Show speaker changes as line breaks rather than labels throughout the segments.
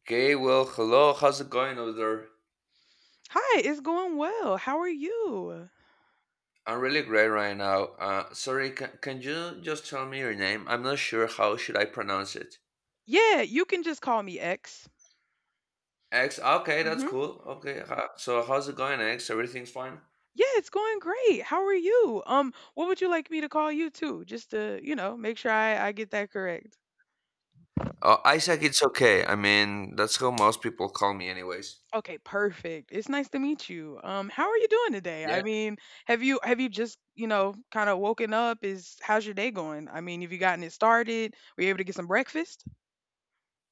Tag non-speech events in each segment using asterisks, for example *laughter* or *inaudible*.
Okay, well, hello. How's it going over there?
Hi, it's going well. How are you?
I'm really great right now. Sorry, can you just tell me your name? I'm not sure how should I pronounce it.
Yeah, you can just call me X.
X. Okay, that's
Mhm.
cool. Okay, so how's it going, X? Everything's fine.
Yeah, it's going great. How are you? What would you like me to call you too? Just to, you know, make sure I get that correct.
Oh, Isaac, it's okay. I mean, that's how most people call me, anyways.
Okay, perfect. It's nice to meet you. How are you doing today? I
Yeah,
mean, have you just, you know, kind of woken up? Is How's your day going? I mean, have you gotten it started? Were you able to get some breakfast?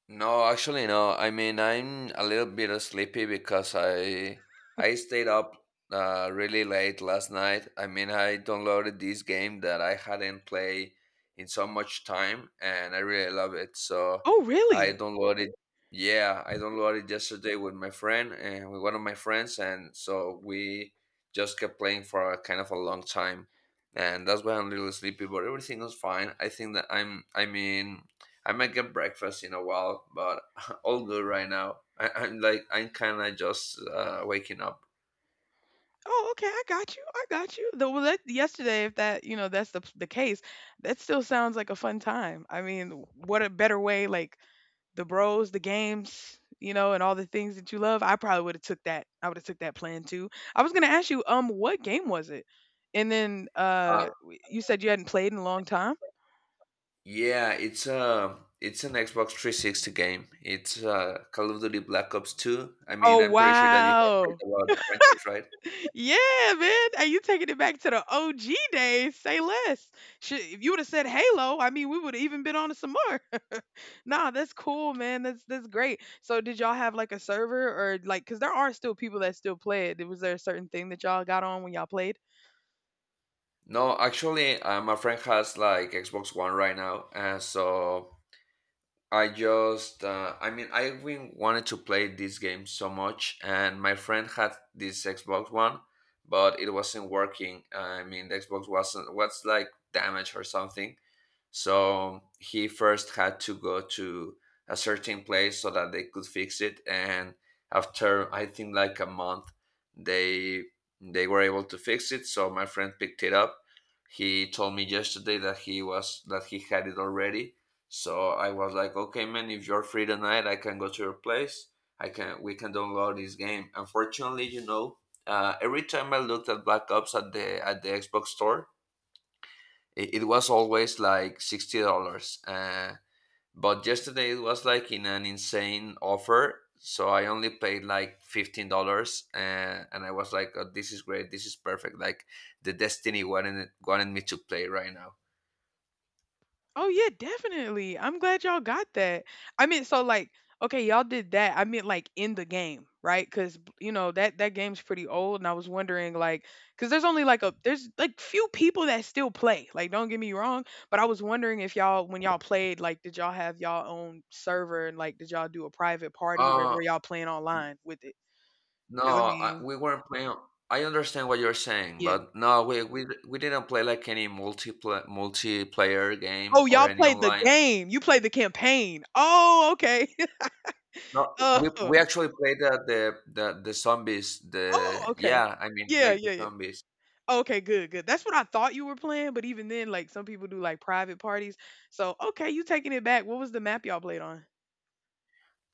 no, actually no. I mean, I'm a little bit sleepy because I stayed up really late last night. I mean, I downloaded this game that I hadn't played in so much time, and I really love it. So
Oh,
I
really?
downloaded yesterday with my friend and with one of my friends, and so we just kept playing for a kind of a long time, and that's why I'm a little sleepy. But everything is fine. I think that I'm. I mean. I might get breakfast in a while, but *laughs* all good right now. I, I'm like I'm kind of just waking up.
Oh, okay. I got you. I got you. The Well, that, yesterday, if that you know that's the case, that still sounds like a fun time. I mean, what a better way! Like the bros, the games, you know, and all the things that you love. I probably would have took that. I would have took that plan too. I was gonna ask you, what game was it? And then
Uh,
you said you hadn't played in a long time.
yeah, it's an Xbox 360 game. It's Call of Duty Black Ops 2. I mean,
Oh
I'm pretty sure that you have heard
wow!
about the franchise, right?
Yeah, man. Are you taking it back to the OG days? Say less. Shit, if you would have said Halo, I mean, we would have even been on to some more. *laughs* nah, that's cool, man. That's great. So, did y'all have like a server or like, cause there are still people that still play it. Was there a certain thing that y'all got on when y'all played?
No, actually, my friend has like Xbox One right now, and so I mean, I've been wanted to play this game so much, and my friend had this Xbox One, but it wasn't working. I mean, the Xbox wasn't was like damaged or something. So he first had to go to a certain place so that they could fix it, and after I think like a month, they they were able to fix it. So my friend picked it up. He told me yesterday that he was that he had it already, so I was like, okay, man, if you're free tonight, I can go to your place. I can we can download this game. Unfortunately, you know, every time I looked at Black Ops at the Xbox store, it was always like $60. But yesterday it was like in an insane offer, so I only paid like $15, and I was like, oh, this is great, this is perfect. Like the Destiny wanted me to play right now.
Oh yeah, definitely. I'm glad y'all got that. I mean, so like, okay, y'all did that. I meant like in the game, right? Because you know that that game's pretty old, and I was wondering like, because there's only like a there's like few people that still play. Like, don't get me wrong, but I was wondering if y'all when y'all played, like, did y'all have y'all own server and like, did y'all do a private party or
Uh,
were y'all playing online with it?
No,
Because I
I,
mean,
we weren't playing. I understand what you're saying,
yeah.
but no, we didn't play like any multiplayer game
Oh,
or
y'all
any
played the
online.
game. You played the campaign. Oh, okay. *laughs*
No, we
uh,
actually played the zombies.
oh,
The
okay.
Yeah, I mean
Yeah,
like the
yeah, yeah.
zombies.
Okay, good, good. That's what I thought you were playing, but even then, like some people do like private parties. So okay, you taking it back. What was the map y'all played on?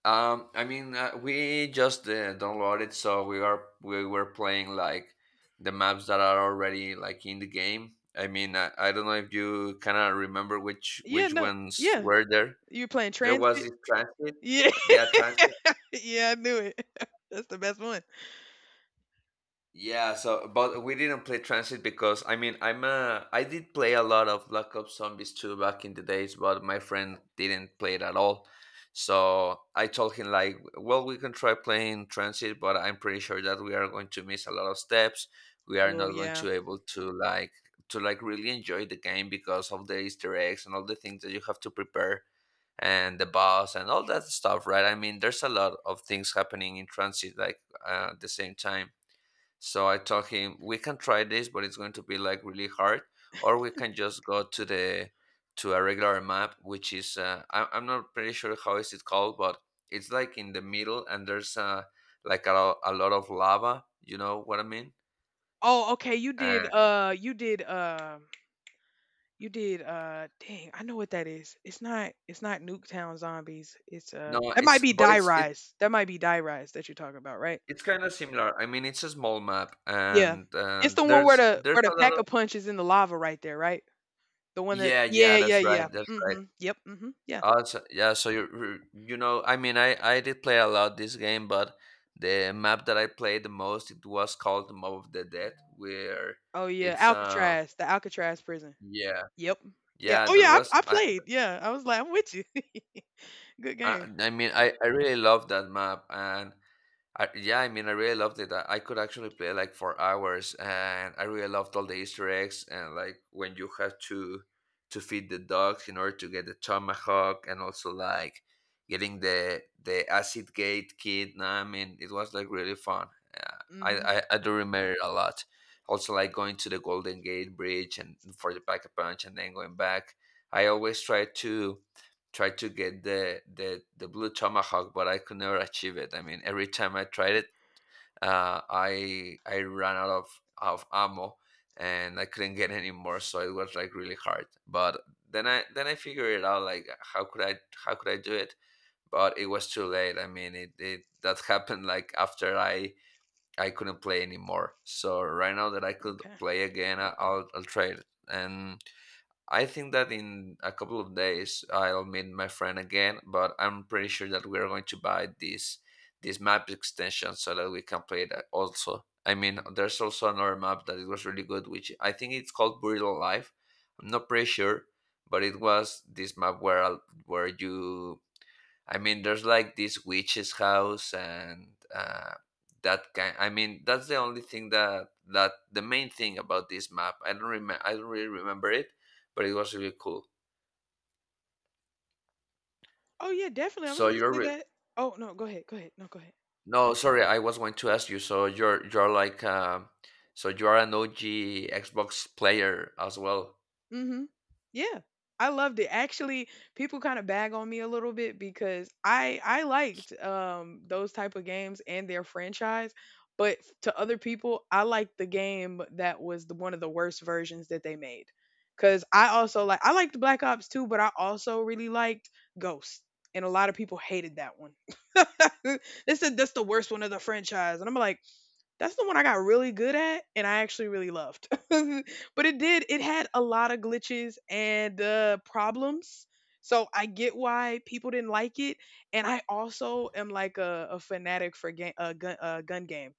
I mean we just downloaded, so we were playing like the maps that are already like in the game. I mean, I don't know if you kind of remember
Yeah,
which
no.
ones
Yeah.
were there.
You're playing
There was
transit?
this transit.
Yeah.
Yeah, transit.
*laughs* yeah, I knew it. *laughs* That's the best one.
Yeah, so but we didn't play Transit because I mean I did play a lot of Black Ops Zombies 2 back in the days, but my friend didn't play it at all. So I told him like, well, we can try playing Transit, but I'm pretty sure that we are going to miss a lot of steps. We are
Well,
not going
yeah.
to able to like really enjoy the game because of the Easter eggs and all the things that you have to prepare and the boss and all that stuff, right? I mean, there's a lot of things happening in Transit like at the same time, so I told him we can try this, but it's going to be like really hard, or we can just go to the to a regular map, which is I'm not pretty sure how is it called, but it's like in the middle, and there's like a lot of lava. You know what I mean?
Oh, okay.
Uh,
You did dang, I know what that is. It's not Nuketown Zombies. It's
no,
that might
it's
be
but
Die Rise. That might be Die Rise that you're talking about, right?
it's kind of similar. I mean, it's a small map,
Yeah.
and
It's the one
there's
where the
a lot
pack a
of.
punch is in the lava right there, right? The one that
Yeah, yeah,
Yeah, yeah,
that's right,
yeah.
that's right.
Mhm. Yep, mhm, yeah.
Oh, so, yeah. So you know, I mean, I did play a lot this game, but the map that I played the most it was called the Mob of the Dead, where
Oh, yeah,
it's
Alcatraz, the Alcatraz prison.
yeah,
Yep. Yeah.
yeah
Oh,
that
yeah,
was
I played, yeah. I was like, "I'm with you." *laughs* Good game.
I really love that map, and yeah, I mean, I really loved it. I could actually play like for hours, and I really loved all the Easter eggs and like when you have to feed the dogs in order to get the tomahawk, and also like getting the acid gate kid. No, I mean, it was like really fun.
Mhm,
I do remember it a lot. Also, like going to the Golden Gate Bridge and for the pack a punch, and then going back. I always try to tried to get the blue tomahawk, but I could never achieve it. I mean, every time I tried it, I ran out of ammo and I couldn't get any more. So it was like really hard. But then I figured it out like how could I how could I do it? But it was too late. I mean, it that *laughs* happened like after I couldn't play anymore. So right now that I could
okay.
play again, I'll try it. And I think that in a couple of days I'll meet my friend again, but I'm pretty sure that we're going to buy this map extension so that we can play that also. I mean, there's also another map that it was really good, which I think it's called Buried Alive. I'm not pretty sure, but it was this map where you I mean, there's like this witch's house and that's the only thing that the main thing about this map. I don't really remember it, but it was really cool.
Oh, yeah, definitely, I was
So
gonna
you're
say
re-
that. Oh, no, go ahead, go ahead. No, go ahead. Go
no, sorry, I was going to ask you. So you're like so you are an OG Xbox player as well.
Mhm. Yeah. I loved it. Actually, people kind of bag on me a little bit because I liked those type of games and their franchise, but to other people, I liked the game that was the one of the worst versions that they made. Cuz I also I liked Black Ops too, but I also really liked Ghost. And a lot of people hated that one. *laughs* They said that's the worst one of the franchise. And I'm like, that's the one I got really good at and I actually really loved. *laughs* but it did, it had a lot of glitches and problems. So I get why people didn't like it. And I also am like a fanatic for gun games.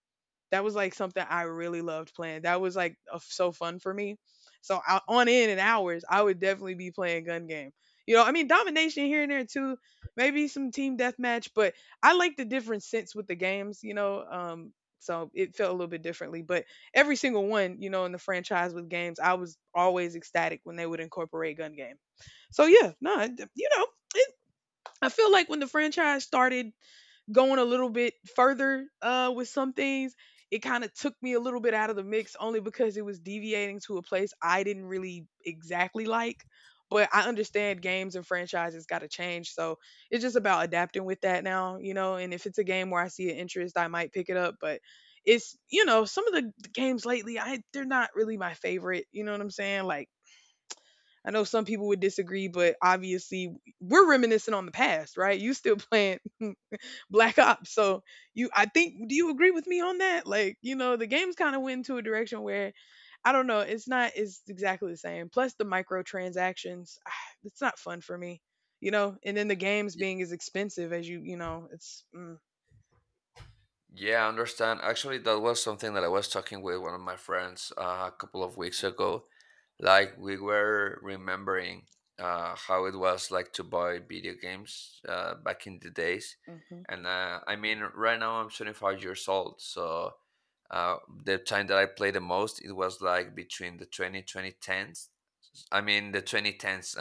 That was like something I really loved playing. That was like a f so fun for me. So on in and hours, I would definitely be playing gun game. You know, I mean domination here and there too, maybe some team deathmatch, but I like the different sense with the games. You know, so it felt a little bit differently, but every single one, you know, in the franchise with games, I was always ecstatic when they would incorporate gun game. So yeah, no, you know, it, I feel like when the franchise started going a little bit further with some things, it kind of took me a little bit out of the mix only because it was deviating to a place I didn't really exactly like. But I understand games and franchises got to change. So it's just about adapting with that now, you know. And if it's a game where I see an interest, I might pick it up. But it's, you know, some of the games lately, I they're not really my favorite. You know what I'm saying? Like, I know some people would disagree, but obviously we're reminiscing on the past, right? You still playing *laughs* black ops so you I think do you agree with me on that like you know the games kind of went into a direction where I don't know it's not it's exactly the same plus the microtransactions *sighs* it's not fun for me you know and then the games being as expensive as you know it's mm,
Yeah, I understand. Actually, that was something that I was talking with one of my friends a couple of weeks ago. Like, we were remembering how it was like to buy video games back in the days.
mhm
And I mean, right now I'm 25 years old. So uh, the time that I played the most, it was like between the twenty twenty tens. I mean, the 2010s.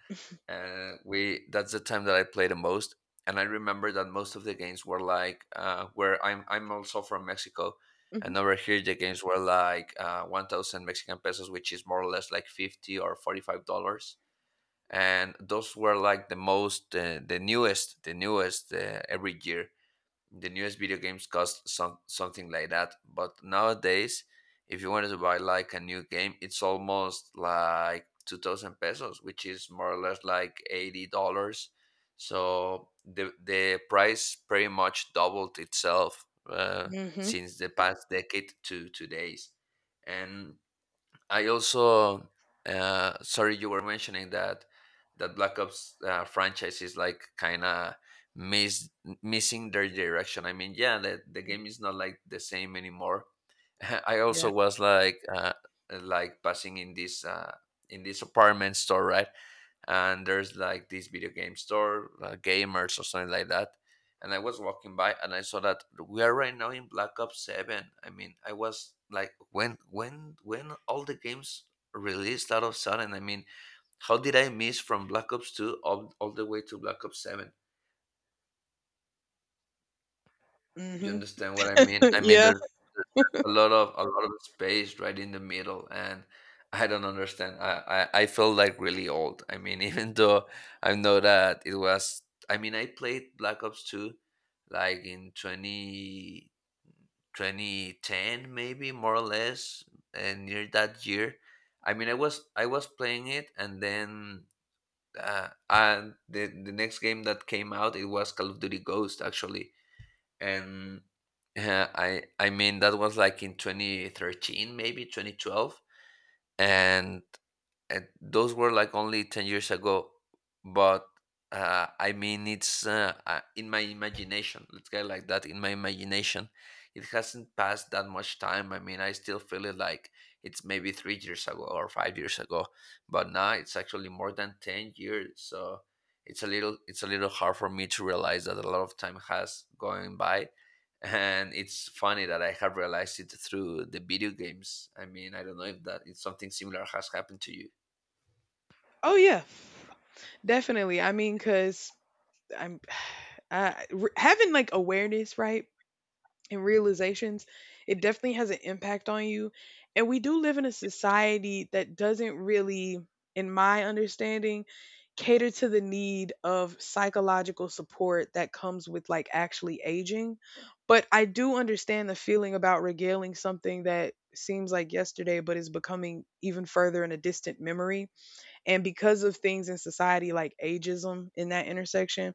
*laughs* we that's the time that I play the most. And I remember that most of the games were like where I'm also from Mexico,
mhm
and over here the games were like 1,000 Mexican pesos, which is more or less like $50 or $45. And those were like the most the newest every year the newest video games cost something like that. But nowadays, if you wanted to buy like a new game, it's almost like 2000 pesos, which is more or less like $80. So the price pretty much doubled itself
mhm
since the past decade to today's. And I also sorry you were mentioning that Black Ops franchise is like kind of miss missing their direction. I mean, yeah, the game is not like the same anymore. *laughs* I also
yeah
was like passing in this apartment store, right? And there's like this video game store, gamers or something like that. And I was walking by and I saw that we are right now in Black Ops Seven. I mean, I was like, when all the games released out of sudden. I mean, how did I miss from Black Ops Two all the way to Black Ops Seven? You
mhm
understand what I mean?
*laughs*
I mean,
yeah
there's a lot of space right in the middle, and I don't understand. I I feel like really old. I mean, *laughs* even though I know that it was. I mean, I played Black Ops Two, like in 20 2010, maybe more or less, and near that year. I mean, I was playing it, and then and the next game that came out it was Call of Duty Ghost actually and I mean that was like in 2013, maybe 2012, and those were like only 10 years ago but I mean it's in my imagination, let's get it like that. In my imagination it hasn't passed that much time. I mean I still feel it like it's maybe 3 years ago or 5 years ago, but now it's actually more than 10 years. So it's a little hard for me to realize that a lot of time has gone by, and it's funny that I have realized it through the video games. I mean, I don't know if that it's something similar has happened to you.
oh yeah definitely I mean cuz I'm *sighs* I, having like awareness right and realizations, it definitely has an impact on you. And we do live in a society that doesn't really, in my understanding, cater to the need of psychological support that comes with like actually aging. But I do understand the feeling about regaling something that seems like yesterday but is becoming even further in a distant memory. And because of things in society like ageism in that intersection,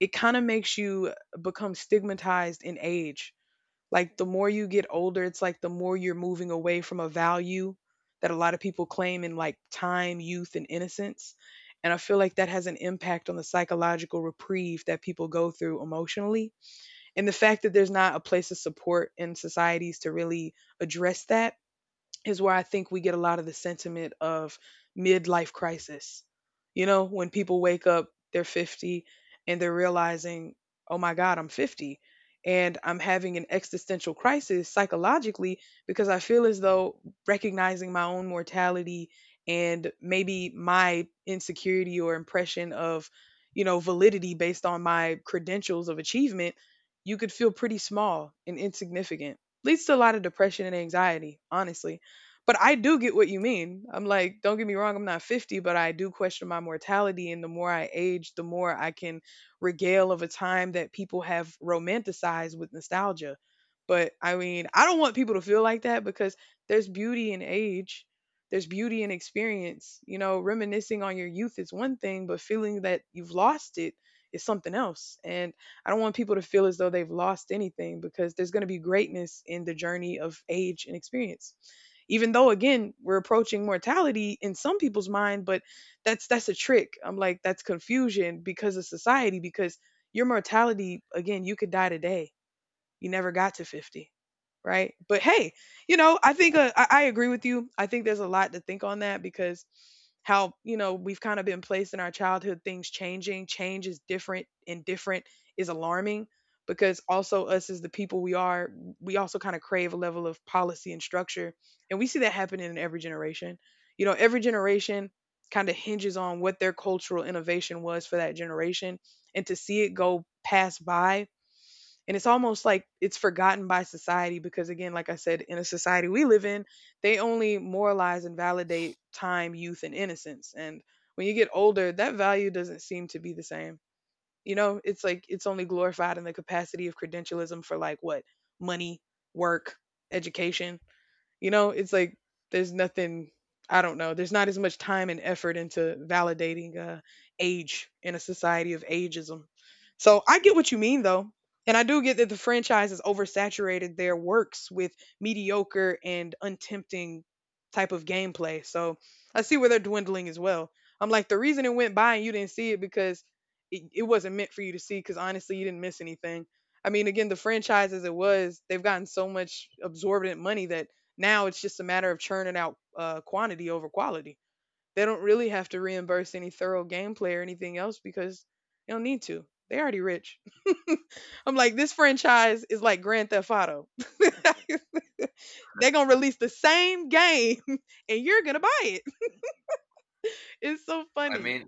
it kind of makes you become stigmatized in age like, the more you get older, it's like the more you're moving away from a value that a lot of people claim in like time, youth, and innocence. And I feel like that has an impact on the psychological reprieve that people go through emotionally. And the fact that there's not a place of support in societies to really address that is where I think we get a lot of the sentiment of midlife crisis. You know, when people wake up, they're 50 and they're realizing, oh my God, I'm 50 and I'm having an existential crisis psychologically because I feel as though recognizing my own mortality and maybe my insecurity or impression of, you know, validity based on my credentials of achievement, you could feel pretty small and insignificant. Leads to a lot of depression and anxiety, honestly. But I do get what you mean. I'm like, don't get me wrong, I'm not 50, but I do question my mortality. And the more I age, the more I can regale of a time that people have romanticized with nostalgia. But I mean, I don't want people to feel like that because there's beauty in age, there's beauty in experience. You know, reminiscing on your youth is one thing, but feeling that you've lost it is something else. And I don't want people to feel as though they've lost anything because there's going to be greatness in the journey of age and experience even though again we're approaching mortality in some people's mind but that's a trick I'm like that's confusion because of society because your mortality again you could die today you never got to 50 right but hey you know I think I agree with you I think there's a lot to think on that because how you know we've kind of been placed in our childhood things changing change is different and different is alarming because also us as the people we are we also kind of crave a level of policy and structure and we see that happening in every generation you know every generation kind of hinges on what their cultural innovation was for that generation and to see it go pass by and it's almost like it's forgotten by society because, again, like I said, in a society we live in, they only moralize and validate time, youth, and innocence. And when you get older, that value doesn't seem to be the same. You know, it's like it's only glorified in the capacity of credentialism for like what? Money, work, education. You know, it's like there's nothing, I don't know, there's not as much time and effort into validating age in a society of ageism. So I get what you mean, though. And I do get that the franchise has oversaturated their works with mediocre and untempting type of gameplay. So I see where they're dwindling as well. I'm like, the reason it went by and you didn't see it because it wasn't meant for you to see because honestly, you didn't miss anything. I mean, again, the franchise as it was, they've gotten so much absorbent money that now it's just a matter of churning out quantity over quality. They don't really have to reimburse any thorough gameplay or anything else because they don't need to. They already rich. *laughs* I'm like, this franchise is like Grand Theft Auto. *laughs* They're gonna release the same game *laughs* and you're gonna buy it. It's so
I
funny.
mean,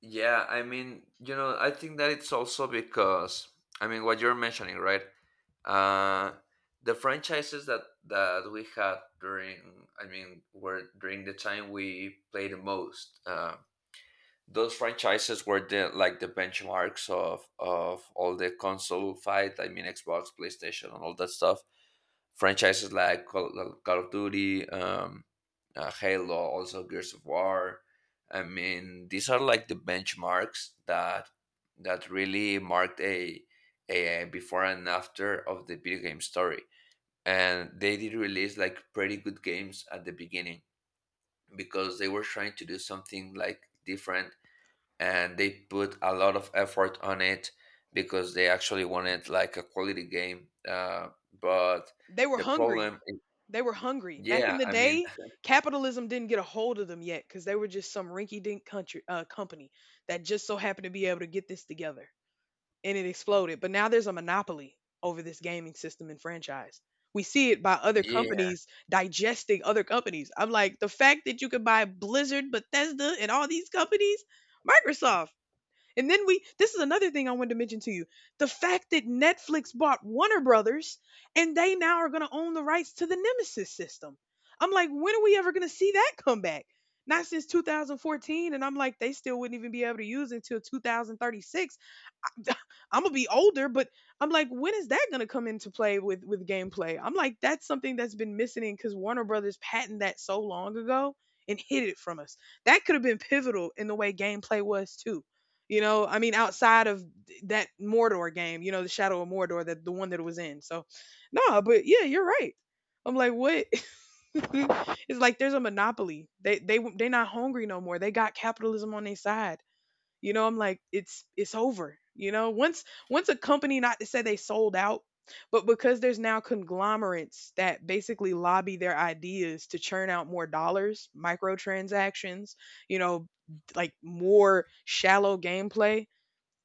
yeah, I mean, you know, I think that it's also because, I mean, what you're mentioning, right? Uh, the franchises that we had during, I mean, were during the time we played the most. Those franchises were the like the benchmarks of all the console fight. I mean, Xbox, PlayStation, and all that stuff. Franchises like Call of Duty, Halo, also Gears of War. I mean, these are like the benchmarks that really marked a before and after of the video game story. And they did release like pretty good games at the beginning because they were trying to do something like different, and they put a lot of effort on it because they actually wanted like a quality game. But
They were
the
hungry.
problem, is,
They were hungry. Back
yeah,
in the
I mean,
day, capitalism didn't get a hold of them yet because they were just some rinky dink country company that just so happened to be able to get this together. And it exploded. But now there's a monopoly over this gaming system and franchise. We see it by other
yeah,
companies digesting other companies. I'm like, the fact that you could buy Blizzard, Bethesda, and all these companies, Microsoft. And then we, this is another thing I wanted to mention to you. The fact that Netflix bought Warner Brothers and they now are going to own the rights to the Nemesis system. I'm like, when are we ever going to see that come back? Not since 2014. And I'm like, they still wouldn't even be able to use it until 2036. *laughs* I'm gonna be older, but I'm like, when is that gonna come into play with gameplay? I'm like, that's something that's been missing because Warner Brothers patented that so long ago and hid it from us. That could have been pivotal in the way gameplay was too. You know, I mean, outside of that Mordor game, you know, the Shadow of Mordor, that the one that it was in. So, no, but yeah, you're right. I'm like, what? *laughs* It's like there's a monopoly. They're not hungry no more. They got capitalism on their side. You know, I'm like, it's over. You know, once a company, not to say they sold out, but because there's now conglomerates that basically lobby their ideas to churn out more dollars, microtransactions, you know, like more shallow gameplay,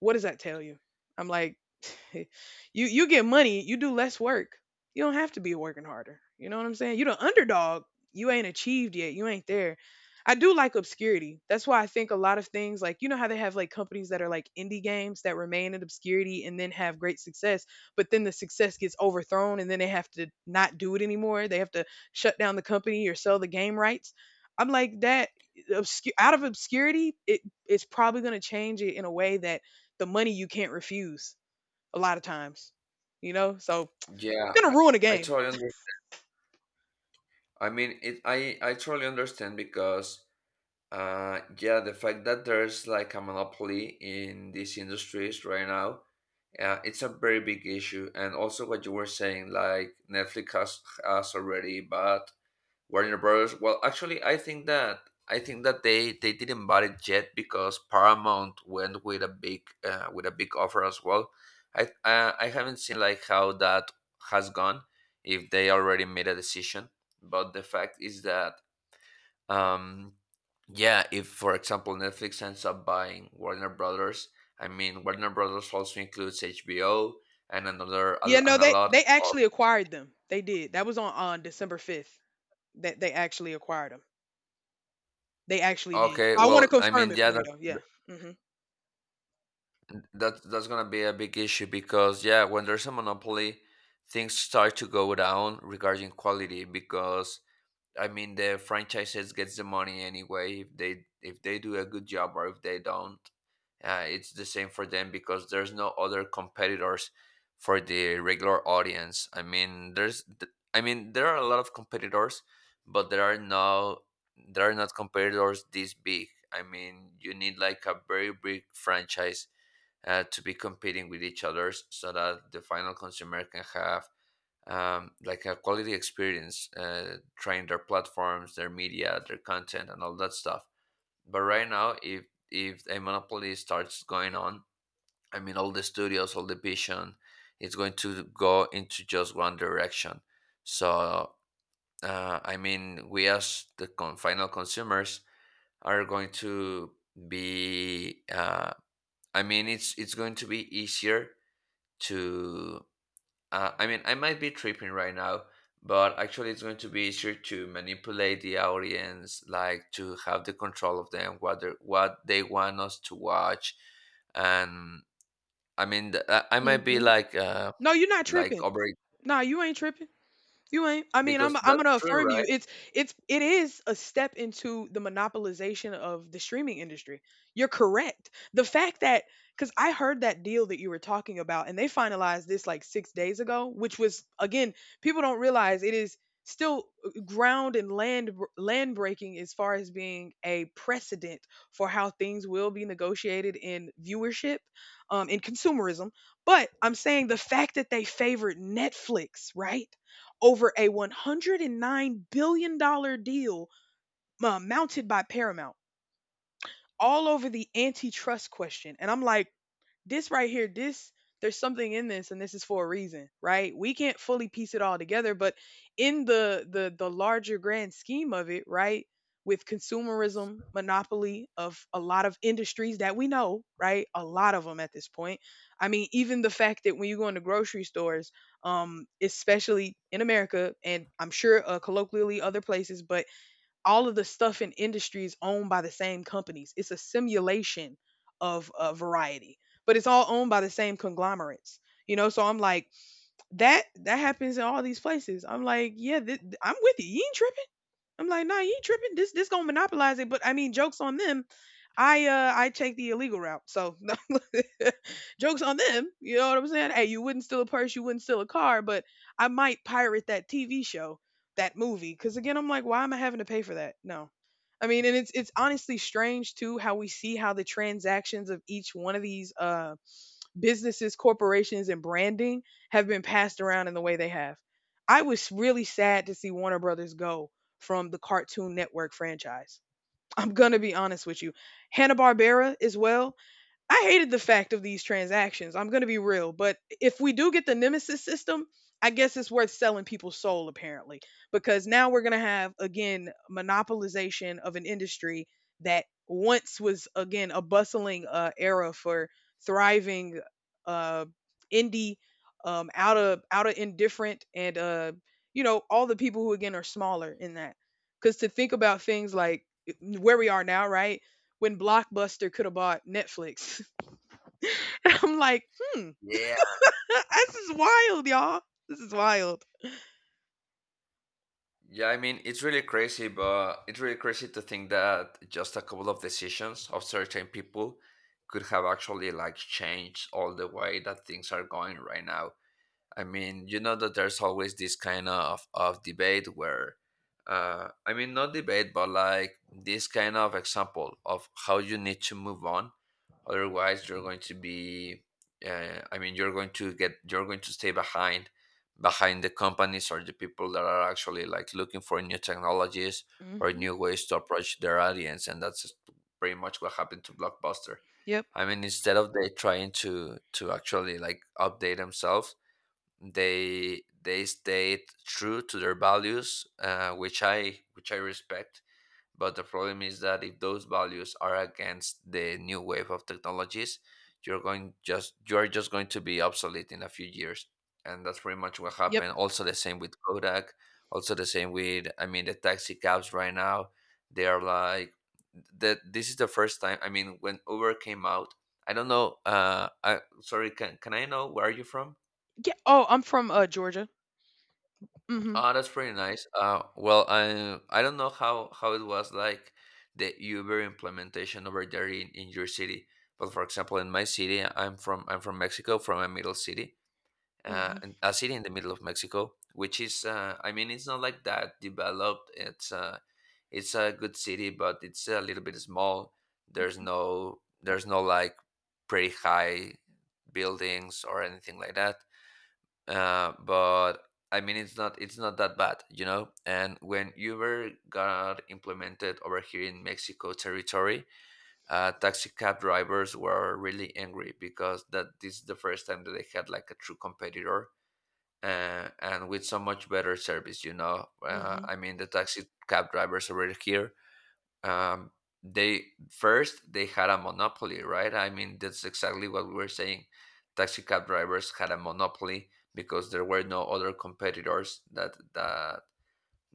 what does that tell you? I'm like, *laughs* you you get money, you do less work. You don't have to be working harder. You know what I'm saying? You the underdog. You ain't achieved yet. You ain't there. I do like obscurity. That's why I think a lot of things, like, you know how they have like companies that are like indie games that remain in obscurity and then have great success, but then the success gets overthrown and then they have to not do it anymore. They have to shut down the company or sell the game rights. I'm like that obscure, out of obscurity, it it's probably going to change it in a way that the money you can't refuse a lot of times, you know? So
yeah,
it's going
I,
to ruin a
I
game.
totally understand. I mean, I totally understand because yeah, the fact that there's like a monopoly in these industries right now, it's a very big issue. And also what you were saying, like Netflix has already bought Warner Brothers. Well, actually, I think that they didn't buy it yet because Paramount went with a big offer as well. I haven't seen like how that has gone if they already made a decision, but the fact is that um yeah, if for example Netflix ends up buying Warner Brothers, I mean Warner Brothers also includes HBO and another
Yeah, no,
and a lot
they
of.
actually acquired them. They did. That was on December 5th that they actually acquired them. They actually did.
Okay,
So, I want to
well, I
confirm
mean,
it
yeah,
for you though. Yeah. Mhm.
that that's gonna be a big issue because yeah, when there's a monopoly, things start to go down regarding quality because I mean, the franchises gets the money anyway. If they do a good job or if they don't, it's the same for them because there's no other competitors for the regular audience. I mean, there's I mean there are a lot of competitors, but there are not competitors this big. I mean, you need like a very big franchise to be competing with each others so that the final consumer can have like a quality experience, trying their platforms, their media, their content, and all that stuff. But right now, if a monopoly starts going on, I mean, all the studios, all the vision, it's going to go into just one direction. So, I mean, we as the final consumers are going to be. I mean, it's going to be easier to. I mean, I might be tripping right now, but actually, it's going to be easier to manipulate the audience, like to have the control of them, what they want us to watch, and I mean, I might be
Mhm. No, you're not
like
tripping.
over,
No, you ain't tripping. You ain't. I mean, I'm
because
I'm
that's
gonna
true,
affirm you.
right?
It's it is a step into the monopolization of the streaming industry. You're correct. The fact that, because I heard that deal that you were talking about, and they finalized this like 6 days ago, which was, again, people don't realize it is still ground and land breaking as far as being a precedent for how things will be negotiated in viewership, in consumerism. But I'm saying the fact that they favored Netflix, right? Over a $109 billion dollars deal mounted by Paramount, all over the antitrust question. And I'm like, this right here, this, there's something in this and this is for a reason, right? We can't fully piece it all together, but in the larger grand scheme of it, right? With consumerism, monopoly of a lot of industries that we know, right? A lot of them at this point. I mean, even the fact that when you go into grocery stores, especially in America, and I'm sure colloquially other places, but all of the stuff in industry is owned by the same companies. It's a simulation of variety, but it's all owned by the same conglomerates. You know, so I'm like that. That happens in all these places. I'm like, yeah, I'm with you. You ain't tripping. I'm like, nah, you tripping. This gonna monopolize it. But I mean, jokes on them. I take the illegal route. So *laughs* jokes on them. You know what I'm saying? Hey, you wouldn't steal a purse, you wouldn't steal a car, but I might pirate that TV show, that movie. Cause again, I'm like, why am I having to pay for that? No. I mean, and it's honestly strange too how we see how the transactions of each one of these businesses, corporations, and branding have been passed around in the way they have. I was really sad to see Warner Brothers go from the Cartoon Network franchise. I'm going to be honest with you. Hanna-Barbera as well. I hated the fact of these transactions. I'm going to be real, but if we do get the Nemesis system, I guess it's worth selling people's soul apparently, because now we're going to have, again, monopolization of an industry that once was, again, a bustling era for thriving uh, indie, out of indifferent and you know, all the people who, again, are smaller in that, because to think about things like where we are now, right? When Blockbuster could have bought Netflix. *laughs* *laughs* And I'm like, "Hmm,
Yeah.
*laughs* this is wild, y'all. This is wild."
Yeah, I mean, it's really crazy, but it's really crazy to think that just a couple of decisions of certain people could have actually like changed all the way that things are going right now. I mean, you know that there's always this kind of debate where, I mean, not debate, but like this kind of example of how you need to move on. Otherwise, you're going to be, I mean, you're going to stay behind, behind the companies or the people that are actually like looking for new technologies or
Mhm.
new ways to approach their audience. And that's pretty much what happened to Blockbuster.
Yep.
I mean, instead of they trying to actually like update themselves, they stayed true to their values which I which I respect, but the problem is that if those values are against the new wave of technologies, you're going just you're just going to be obsolete in a few years. And that's pretty much what
Yep.
happened also the same with Kodak, also the same with I mean the taxi cabs right now. They are like that this is the first time. I mean, when Uber came out, I don't know, I sorry, can I know where are you from?
Yeah. Oh, I'm from, Georgia. Mhm.
Oh, that's pretty nice. Well, I don't know how it was like the Uber implementation over there in your city, but for example, in my city, I'm from Mexico, from a middle city,
Mhm.
and a city in the middle of Mexico, which is I mean, it's not like that developed. It's a good city, but it's a little bit small. There's no like pretty high buildings or anything like that, but I mean it's not that bad, you know. And when Uber got implemented over here in Mexico territory, taxi cab drivers were really angry because that this is the first time that they had like a true competitor, and with so much better service, you know.
Mhm.
I mean the taxi cab drivers over here um, they first they had a monopoly, right? I mean, that's exactly what we were saying. Taxi cab drivers had a monopoly because there were no other competitors that that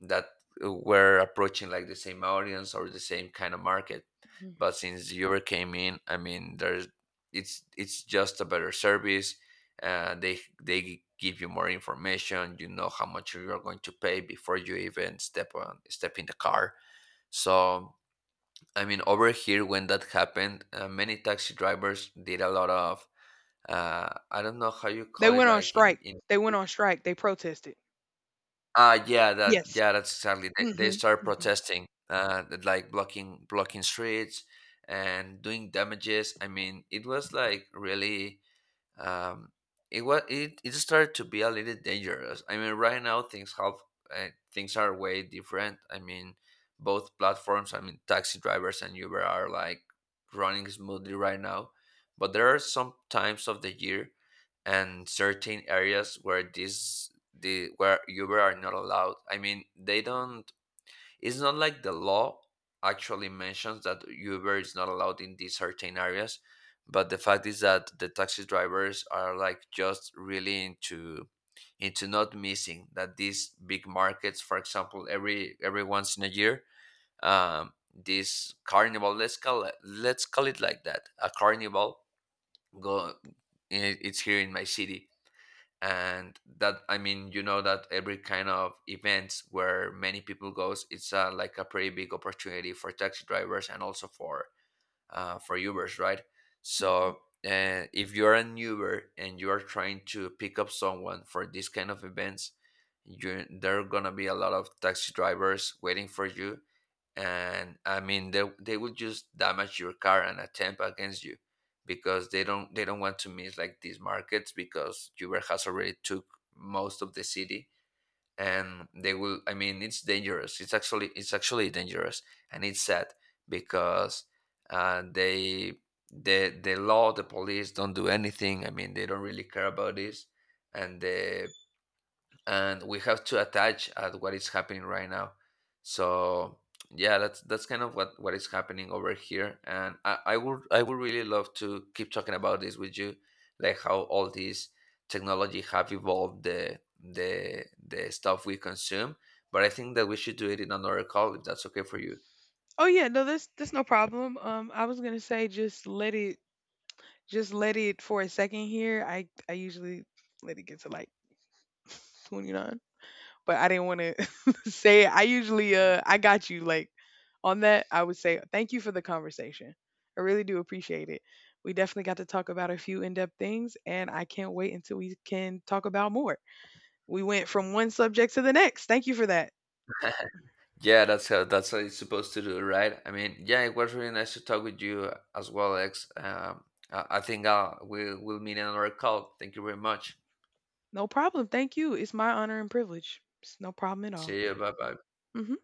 that were approaching like the same audience or the same kind of market.
Mhm.
But since Uber came in, I mean, there's it's just a better service. They give you more information. You know how much you are going to pay before you even step in the car. So I mean, over here when that happened, many taxi drivers did a lot of I don't know how you
They
call it,
went on
like
strike.
in
They went on strike. They protested.
ah yeah that
Yes.
yeah that's exactly, they
Mhm.
start
Mhm.
protesting that, like blocking streets and doing damages. I mean, it was like really um, it, it started to be a little dangerous. I mean, right now things have uh, things are way different. I mean, both platforms. I mean, taxi drivers and Uber are like running smoothly right now, but there are some times of the year and certain areas where this the where Uber are not allowed. I mean, they don't. It's not like the law actually mentions that Uber is not allowed in these certain areas, but the fact is that the taxi drivers are like just really into not missing that these big markets, for example, every once in a year, this carnival, let's call it, let's call it like that a carnival, go it- it's here in my city, and that I mean, you know that every kind of events where many people goes, it's like a pretty big opportunity for taxi drivers and also for Ubers, right?
Mhm.
So if you're an Uber and you are trying to pick up someone for this kind of events, you there are gonna be a lot of taxi drivers waiting for you, and I mean they will just damage your car and attempt against you because they don't want to miss like these markets because Uber has already took most of the city. And they will, I mean it's dangerous, it's actually, it's actually dangerous, and it's sad because uh, they the law, the police don't do anything. I mean they don't really care about this, and the and we have to attach at what is happening right now. So yeah, that's kind of what is happening over here, and I would I would really love to keep talking about this with you, like how all these technology have evolved the stuff we consume, but I think that we should do it in another call if that's okay for you.
Oh, yeah. No, there's no problem. I was gonna say just let it for a second here. I usually let it get to, like, *laughs* 29, but I didn't wanna *laughs* say it. I usually, I got you, like on that, I would say thank you for the conversation. I really do appreciate it. We definitely got to talk about a few in depth things, and I can't wait until we can talk about more. We went from one subject to the next. Thank you for that.
*laughs* Yeah, that's how it's supposed to do, right? I mean, yeah, it was really nice to talk with you as well, X. I think we will meet in another call. Thank you very much.
No problem. Thank you. It's my honor and privilege. It's no problem at all.
See you. Bye bye.
Mhm.